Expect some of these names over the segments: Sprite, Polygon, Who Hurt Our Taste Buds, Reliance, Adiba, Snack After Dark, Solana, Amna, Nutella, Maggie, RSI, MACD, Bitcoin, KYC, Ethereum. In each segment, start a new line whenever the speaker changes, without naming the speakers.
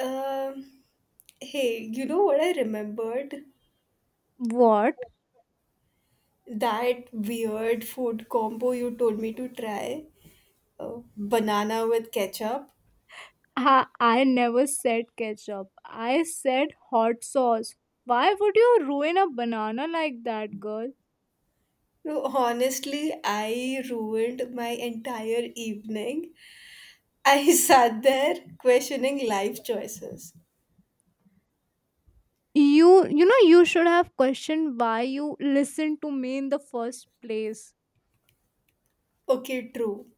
Um, Hey, you know what I remembered?
What?
That weird food combo you told me to try? Banana with ketchup.
I never said ketchup. I said hot sauce. Why would you ruin a banana like that, girl?
No, honestly, I ruined my entire evening. I sat there questioning life choices.
You know you should have questioned why you listened to me in the first place.
Okay, true.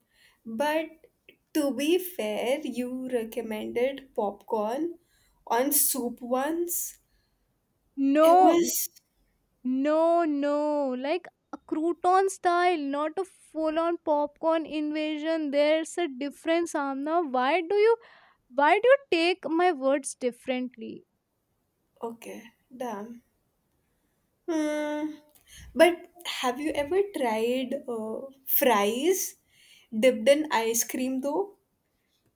But to be fair, you recommended popcorn on soup once. It
No,
was
no, no. Like a crouton style, not a full on popcorn invasion. There's a difference, Amna. Why do you take my words differently?
okay, damn. Hmm. But have you ever tried fries dipped in ice cream though?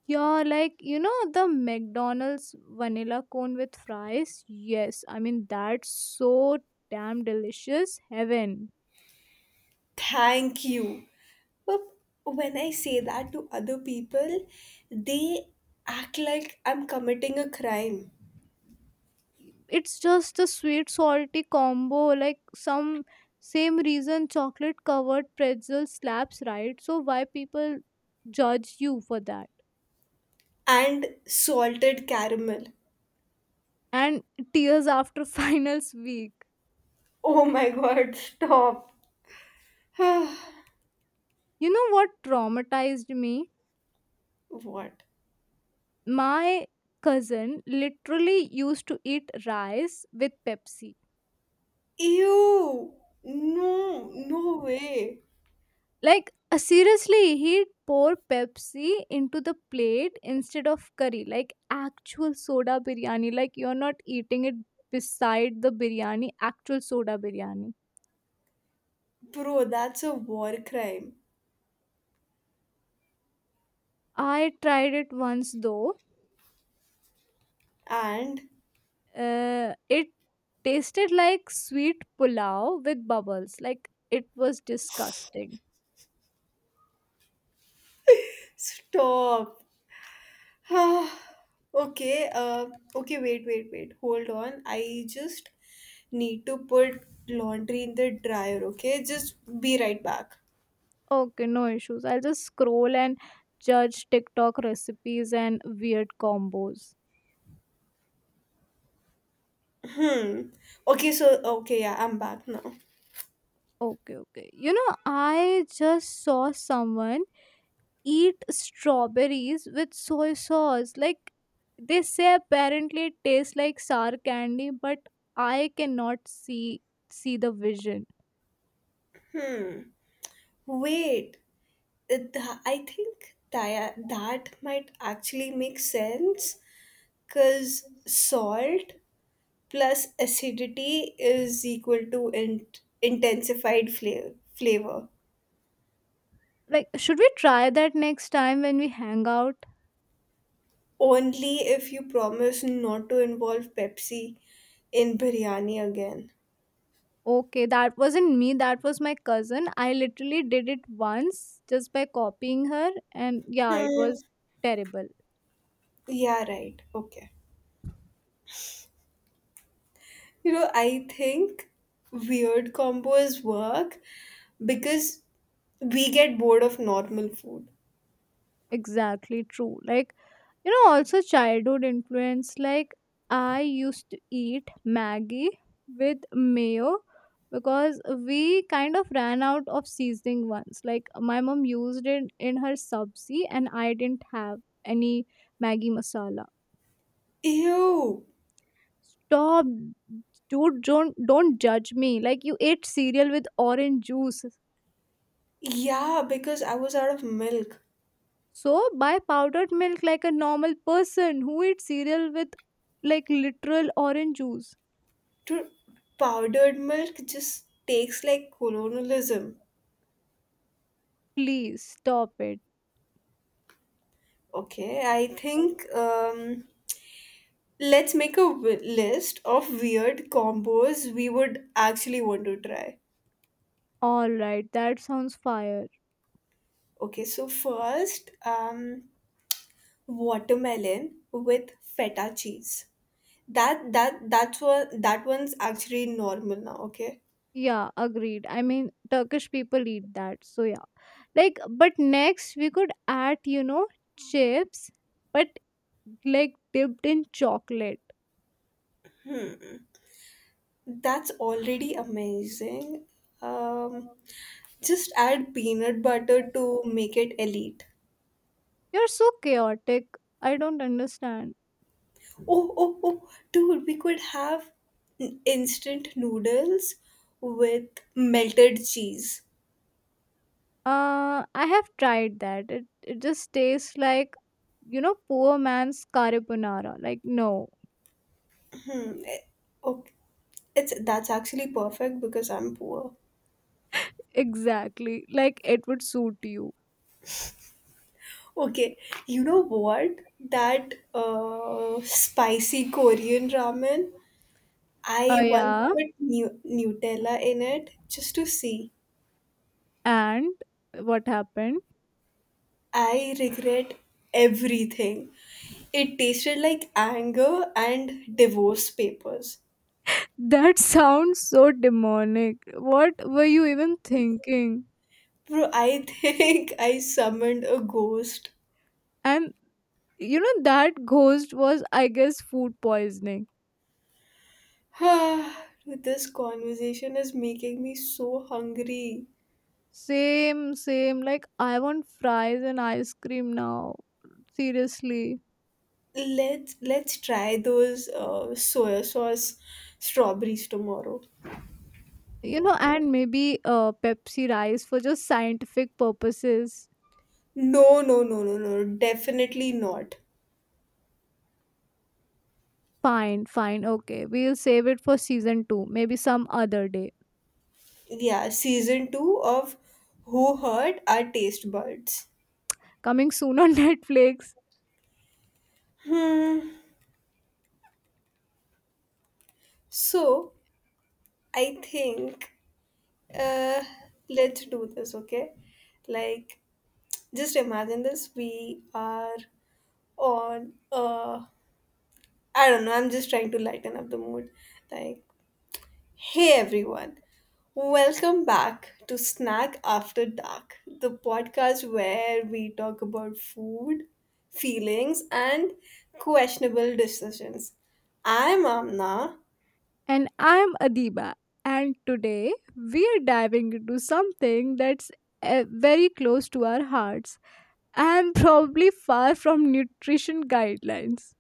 Yeah, like you know the McDonald's vanilla cone with fries. Yes, I mean that's so damn delicious. Heaven.
Thank you. But when I say that to other people, they act like I'm committing a crime.
It's just a sweet salty combo. Like, some same reason chocolate covered pretzel slaps, right. So why people judge you for that?
And salted caramel.
And tears after finals week.
Oh my god, stop.
You know what traumatized me?
What?
My cousin literally used to eat rice with Pepsi.
Ew! No, no way.
Like, seriously, he'd pour Pepsi into the plate instead of curry, like actual soda biryani. Like you're not eating it beside the biryani, actual soda biryani.
Bro, that's a war crime.
I tried it once though.
And
It tasted like sweet pulao with bubbles. Like it was disgusting.
stop. Ah, okay, okay, wait, wait, wait. Hold on. I just need to put laundry in the dryer, okay? Just be right back.
Okay, no issues. I'll just scroll and judge TikTok recipes and weird combos.
Hmm. Okay, so, okay, yeah, I'm back now.
Okay, okay. You know, I just saw someone eat strawberries with soy sauce. Like, they say apparently it tastes like sour candy, but I cannot see the vision.
Wait, uh, I think that might actually make sense because salt plus acidity is equal to intensified flavor.
Like, should we try that next time when we hang out?
Only if you promise not to involve Pepsi in biryani again.
Okay, that wasn't me, that was my cousin. I literally did it once just by copying her, and yeah, it
Hmm.
was terrible.
Yeah, right. Okay. You know, I think weird combos work because we get bored of normal food.
Exactly true. Like, you know, also childhood influence. Like, I used to eat Maggie with mayo, because we kind of ran out of seasoning once. Like, my mom used it in her sabzi, and I didn't have any Maggie masala.
Ew.
Stop, dude. Don't judge me like you ate cereal with orange juice.
Yeah, because I was out of milk.
So buy powdered milk like a normal person who eats cereal with, like, literal orange juice.
Dude, powdered milk just takes like colonialism.
Please stop it.
Okay, I think let's make a list of weird combos we would actually want to try.
All right, that sounds fire.
Okay, so first, watermelon with feta cheese. That's what that one's actually normal now. Okay,
Yeah, agreed. I mean, Turkish people eat that. So, yeah. Like, but next we could add, you know, chips, but like dipped in chocolate.
that's already amazing. Um, just add peanut butter to make it elite.
You're so chaotic. I don't understand.
Oh, dude, we could have instant noodles with melted cheese.
I have tried that. It just tastes like, you know, poor man's carbonara. Like, no,
Hmm. eh, Okay. It's that's actually perfect because I'm poor.
exactly. Like it would suit you.
Okay, you know what? That spicy Korean ramen.
Uh,
I once
yeah.
put Nutella in it just to see.
And what happened?
I regret everything. It tasted like anger and divorce papers.
That sounds so demonic. What were you even thinking?
Bro, I think I summoned a ghost.
And you know, that ghost was, I guess, food poisoning.
This conversation is making me so hungry.
Same, same. Like, I want fries and ice cream now. Seriously.
Let's try those soy sauce strawberries tomorrow.
You know, and maybe Pepsi rice for just scientific purposes.
No, no, no, no, no, definitely not.
Fine, fine. Okay. We'll save it for season two. Maybe some other day.
Yeah, season two of Who Hurt Our Taste Buds.
Coming soon on Netflix.
Hmm. So I think uh, let's do this, okay? Like, just imagine this. We are on. I don't know. I'm just trying to lighten up the mood. Like, hey everyone, welcome back to Snack After Dark, the podcast where we talk about food, feelings, and questionable decisions. I'm Amna.
And I'm Adiba. And today we are diving into something that's very close to our hearts and probably far from nutrition guidelines.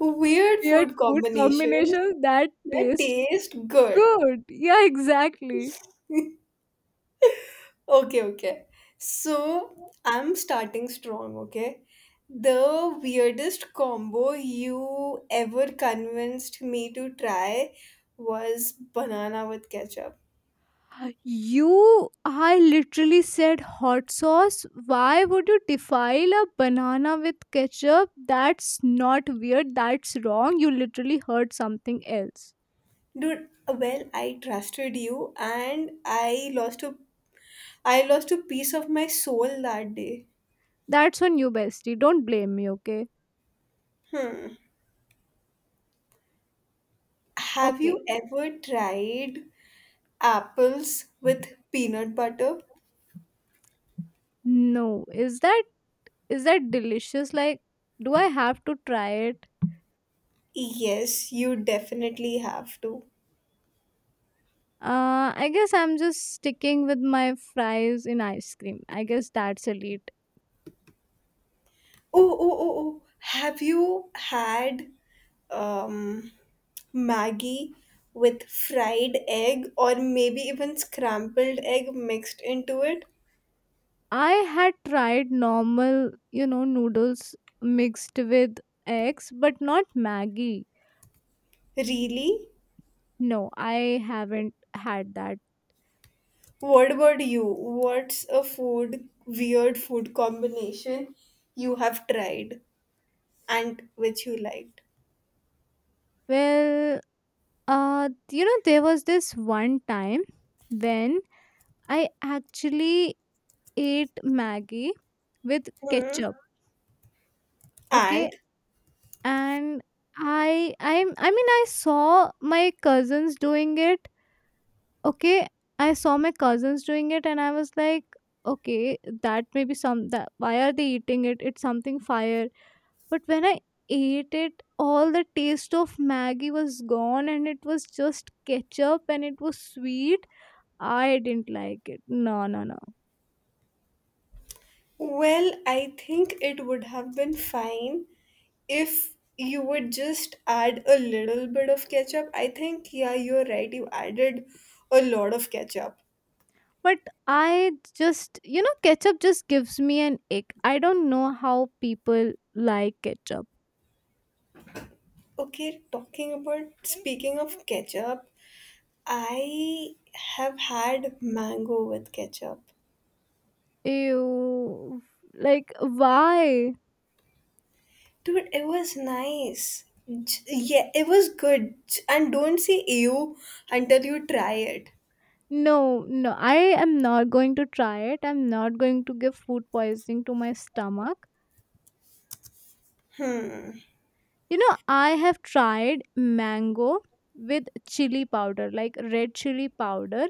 Weird
Weird
food
food
combinations
combinations that
that
taste
taste good.
good. Yeah, exactly.
Okay, okay. So I'm starting strong, okay? The weirdest combo you ever convinced me to try was banana with ketchup.
You, I literally said hot sauce. Why would you defile a banana with ketchup? That's not weird. That's wrong. You literally heard something else.
Dude, well, I trusted you and I lost a piece of my soul that day.
That's on you, bestie. Don't blame me, okay?
Hmm. Have
Okay.
you ever tried apples with peanut butter?
No. Is that delicious? Like, do I have to try it?
Yes, you definitely have to.
I guess I'm just sticking with my fries in ice cream. I guess that's elite.
Oh, oh, oh, oh. Have you had um, Maggie with fried egg or maybe even scrambled egg mixed into it?
I had tried normal, you know, noodles mixed with eggs, but not Maggie.
Really?
No, I haven't had that.
What about you? What's a weird food combination you have tried and which you liked?
Well, you know, there was this one time when I actually ate Maggie with
Hmm.
ketchup, okay?
And
And I mean I saw my cousins doing it, okay? I saw my cousins doing it and I was like, okay, that may be some that why are they eating it? It's something fire. But when I ate it, all the taste of Maggie was gone and it was just ketchup and it was sweet. I didn't like it. No, no, no.
well, I think it would have been fine if you would just add a little bit of ketchup, I think, yeah, you're right. You added a lot of ketchup.
But I just, you know, ketchup just gives me an ick. I don't know how people like ketchup.
Okay, talking about speaking of ketchup, I have had mango with ketchup.
Ew, like, why?
Dude, it was nice. Yeah, it was good. And don't say ew until you try it.
No, no, I am not going to try it. I'm not going to give food poisoning to my stomach.
Hmm.
You know, I have tried mango with chili powder, like red chili powder,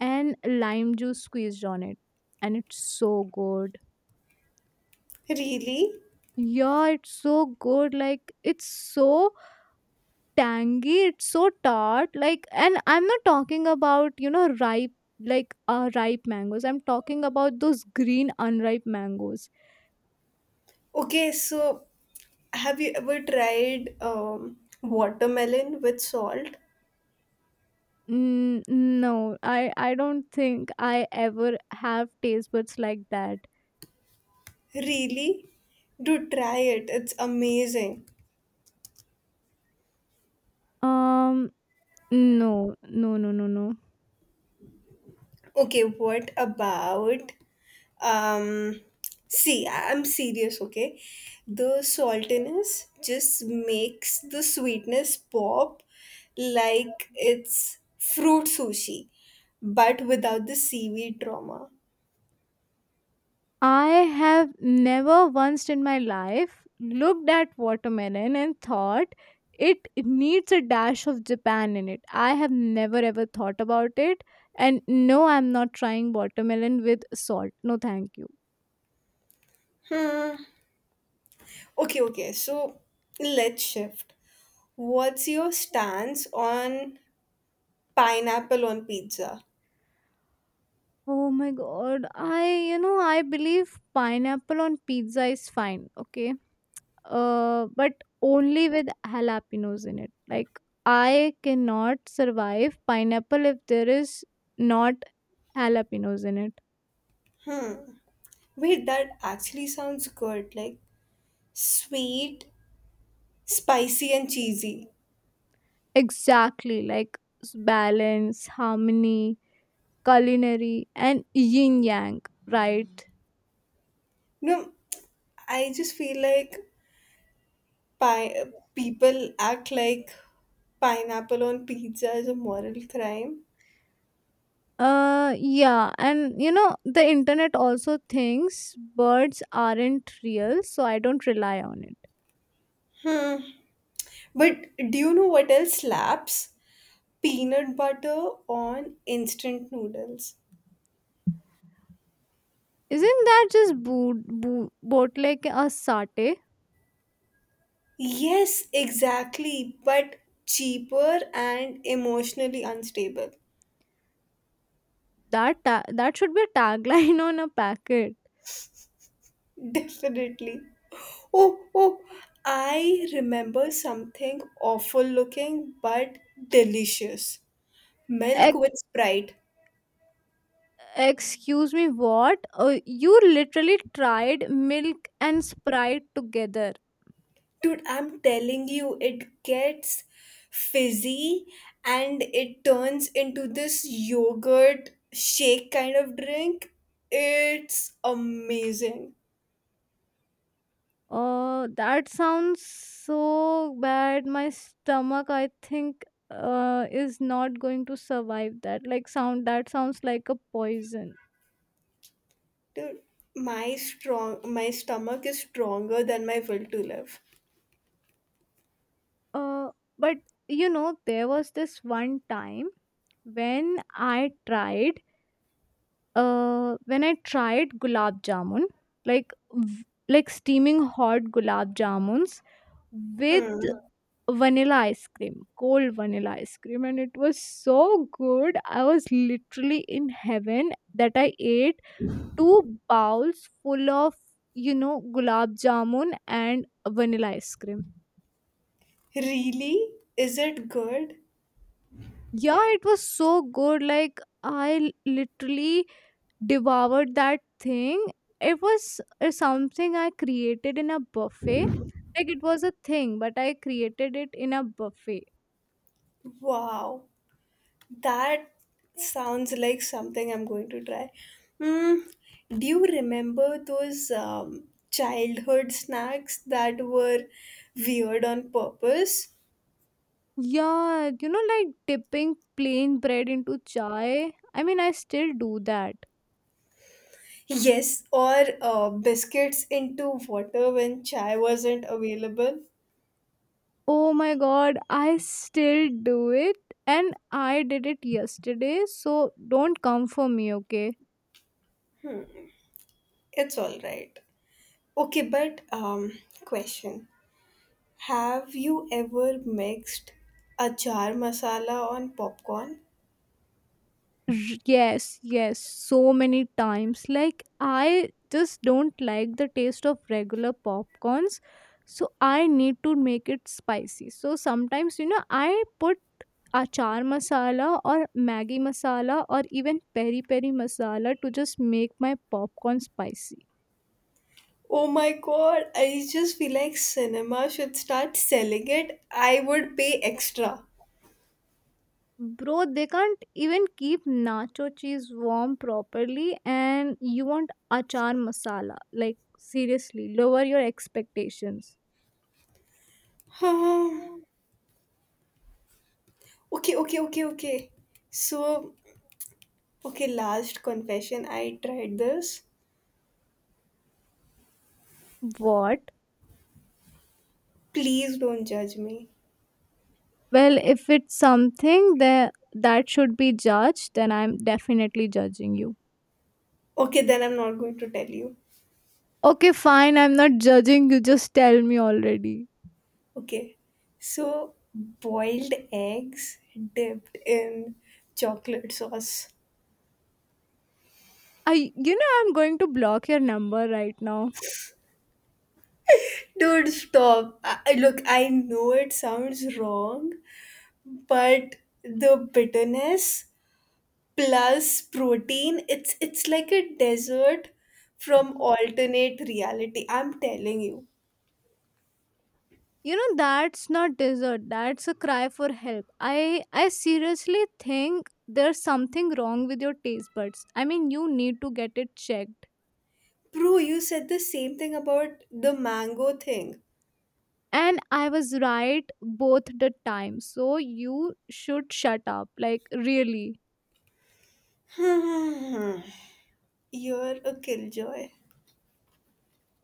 and lime juice squeezed on it, and it's so good.
Really?
Yeah, it's so good. Like, it's so tangy, it's so tart. Like, and I'm not talking about, you know, ripe, like, ripe mangoes. I'm talking about those green unripe mangoes.
Okay, so have you ever tried watermelon with salt?
N- no, I don't think I ever have taste buds like that.
Really? Do try it. It's amazing.
um no, no, no, no, no.
Okay, what about um see, I'm serious, okay? The saltiness just makes the sweetness pop like it's fruit sushi, but without the seaweed trauma.
I have never once in my life looked at watermelon and thought it needs a dash of Japan in it. I have never ever thought about it. And no, I'm not trying watermelon with salt. No, thank you.
Hmm. Okay, okay. So let's shift. What's your stance on pineapple on pizza?
Oh my god. I believe pineapple on pizza is fine. Okay. But only with jalapenos in it. Like I cannot survive pineapple if there is not jalapenos in it.
Wait, that actually sounds good. Like sweet, spicy, and cheesy.
Exactly, like, balance, harmony, culinary, and yin yang, right?
No, I just feel like people act like pineapple on pizza is a moral crime.
Yeah, and you know, the internet also thinks birds aren't real, so I don't rely on it.
Hmm. But do you know what else slaps? Peanut butter on instant noodles.
Isn't that just bootleg a satay?
Yes, exactly. But cheaper and emotionally unstable.
That should be a tagline on a packet.
Definitely. Oh, oh, I remember something awful looking but delicious. Milk
Ex-
with Sprite.
excuse me, what? You literally tried milk and Sprite together.
Dude, I'm telling you, it gets fizzy and it turns into this yogurt shake kind of drink. It's amazing.
Oh, that sounds so bad. My stomach, I think, is not going to survive that. Like, that sounds like a poison.
Dude, my stomach is stronger than my will to live.
Uh, but you know, there was this one time when I tried gulab jamun, like like steaming hot gulab jamuns with.
Hmm.
Yeah. Vanilla ice cream, cold vanilla ice cream, and it was so good. I was literally in heaven, that I ate two bowls full of, you know, gulab jamun and vanilla ice cream.
Really? Is it good?
Yeah, it was so good. Like, I literally devoured that thing. It was something I created in a buffet. Like, it was a thing, but I created it in a buffet.
Wow. That sounds like something I'm going to try. Mm, do you remember those childhood snacks that were weird on purpose?
Yeah, you know, like dipping plain bread into chai. I mean, I still do that.
Yes, or biscuits into water when chai wasn't available.
Oh my god, I still do it. And I did it yesterday, so don't come for me, okay?
It's all right. Okay, but question: have you ever mixed achar masala on popcorn?
R- yes, yes, so many times. Like, I just don't like the taste of regular popcorns, so I need to make it spicy. So sometimes, you know, I put achar masala or maggi masala or even peri peri masala to just make my popcorn spicy.
Oh my god, I just feel like cinema should start selling it. I would pay extra.
Bro, they can't even keep nacho cheese warm properly, and you want achar masala. Like, seriously, lower your expectations.
Um, okay, okay, okay, okay. So, okay, last confession. I tried this.
What?
Please don't judge me.
Well, if it's something that should be judged, then I'm definitely judging you.
Okay, then I'm not going to tell you.
Okay, fine. I'm not judging you. Just tell me already.
Okay. So, boiled eggs dipped in chocolate sauce.
I, you know, I'm going to block your number right now.
Dude, stop. Look, I know it sounds wrong, but the bitterness plus protein it's like a desert from alternate reality, I'm telling you.
You know, that's not desert. That's a cry for help. I seriously think there's something wrong with your taste buds. I mean, you need to get it checked.
Bro, you said the same thing about the mango thing.
And I was right both the time. So you should shut up. Like, really.
Hmm. You're a killjoy.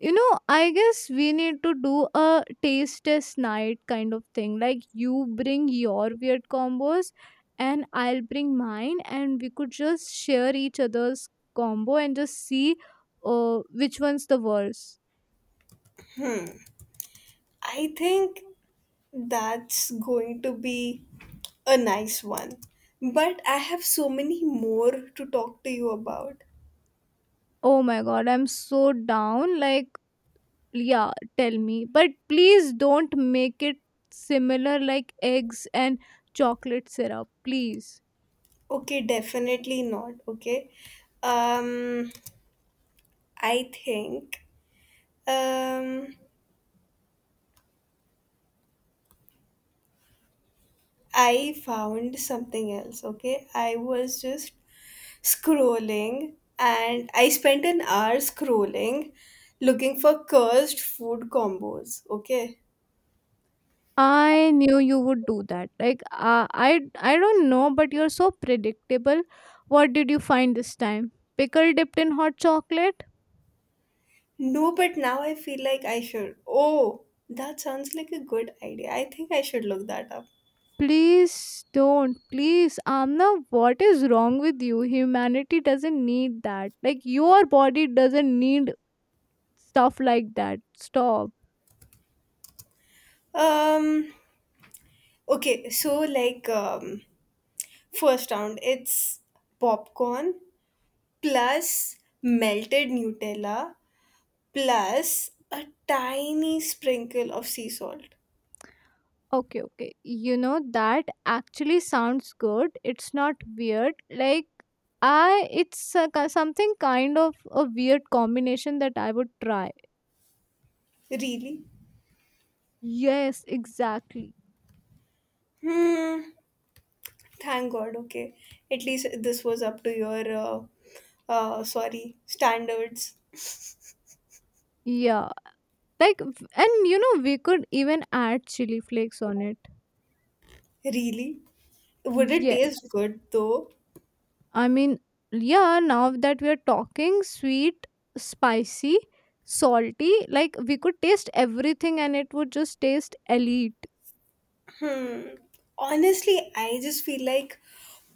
You know, I guess we need to do a taste test night kind of thing. Like, you bring your weird combos, and I'll bring mine, and we could just share each other's combo and just see which one's the worst.
I think that's going to be a nice one, but I have so many more to talk to you about.
Oh my god, I'm so down. Like, yeah, tell me, but please don't make it similar, like eggs and chocolate syrup, please.
Okay, definitely not. Okay, um I think um I found something else, okay? I was just scrolling and I spent an hour scrolling looking for cursed food combos, okay?
I knew you would do that. Like, I don't know, but you're so predictable. What did you find this time? Pickle dipped in hot chocolate?
No, but now I feel like I should. Oh, that sounds like a good idea. I think I should look that up.
Please don't. Please, Amna, what is wrong with you? Humanity doesn't need that. Like, your body doesn't need stuff like that. Stop.
Um, okay, so like, first round, it's popcorn plus melted Nutella plus a tiny sprinkle of sea salt.
Okay, okay. You know, that actually sounds good. It's not weird. Like, I it's a, ki- something kind of a weird combination that I would try.
Really?
Yes, exactly.
Hmm. Thank God. Okay. At least this was up to your, sorry, standards.
Yeah. Like, and you know we could even add chili flakes on it.
Really? Would it
Yes.
taste good though?
I mean, yeah, now that we are talking sweet, spicy, salty, like we could taste everything and it would just taste elite.
Hmm. Honestly, I just feel like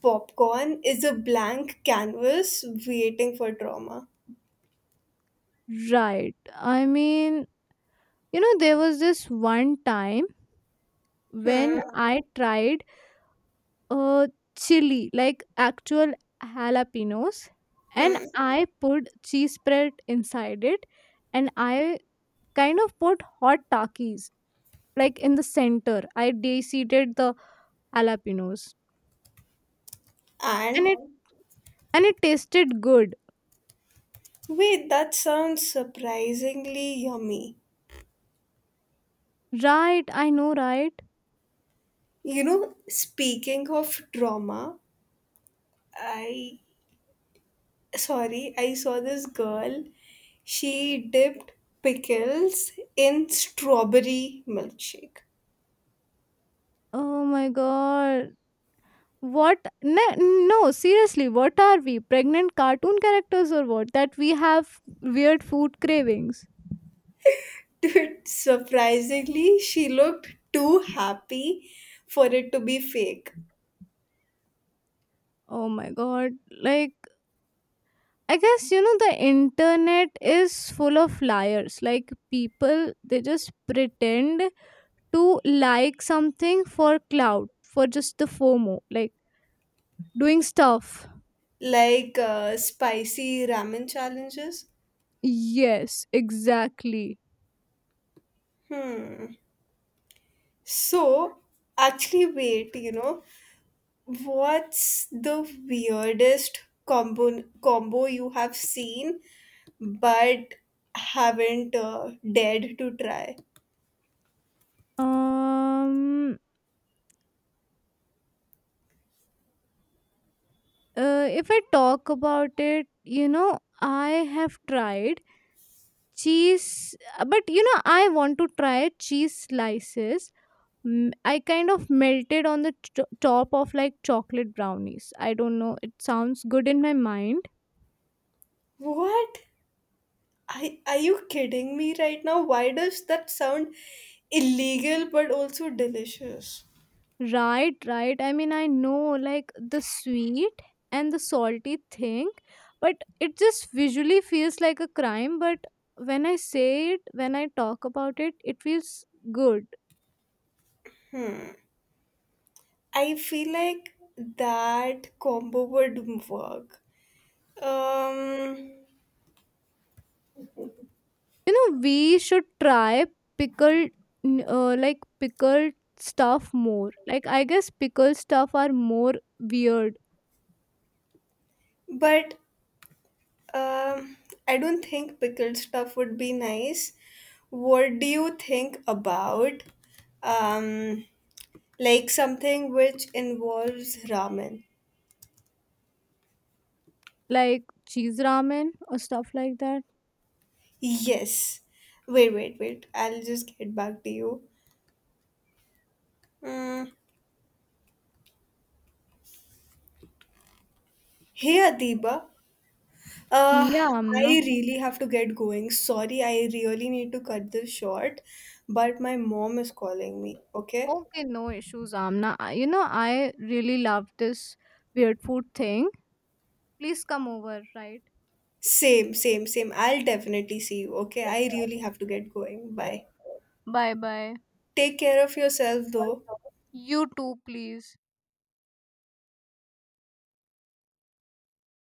popcorn is a blank canvas waiting for drama.
Right. I mean, you know there was this one time when
Hmm.
I tried uh chili, like actual jalapenos, and
Hmm.
I put cheese spread inside it, and I kind of put hot takis, like, in the center. I de-seeded the jalapenos, and
And
it tasted good.
wait, that sounds surprisingly yummy.
Right, I know, right?
You know, speaking of drama, I sorry, I saw this girl. She dipped pickles in strawberry milkshake.
Oh my god, what? No, no, seriously, what are we, pregnant cartoon characters or what, that we have weird food cravings?
Dude, surprisingly, she looked too happy for it to be fake.
Oh my god. Like, I guess, you know, the internet is full of liars. Like, people, they just pretend to like something for clout, for just the FOMO, like doing stuff.
Like spicy ramen challenges.
Yes, exactly.
Hmm. So, actually, wait, you know. What's the weirdest combo you have seen but haven't dared to try?
Um if I talk about it, you know, I have tried cheese, but you know I want to try cheese slices. I kind of melted on the top of, like, chocolate brownies. I don't know. It sounds good in my mind.
What? Are you kidding me right now? Why does that sound illegal but also delicious?
Right, right. I mean, I know, like, the sweet and the salty thing, but it just visually feels like a crime. But when I talk about it, it feels good.
I feel like that combo would work. Um,
You know, we should try pickled, like pickled stuff more. Like, I guess pickled stuff are more weird.
but Um, I don't think pickled stuff would be nice. What do you think about um like something which involves ramen?
Like cheese ramen or stuff like that?
Yes. Wait, wait, wait. I'll just get back to you. Mm. Hey Adiba. Uh
Yeah,
I
Amna.
really have to get going. Sorry, I really need to cut this short, but my mom is calling me, okay?
Okay, no issues, Amna. You know, I really love this weird food thing. Please come over, right?
Same, same, same. I'll definitely see you, okay? I really have to get going. Bye.
Bye bye.
Take care of yourself though.
You too, please.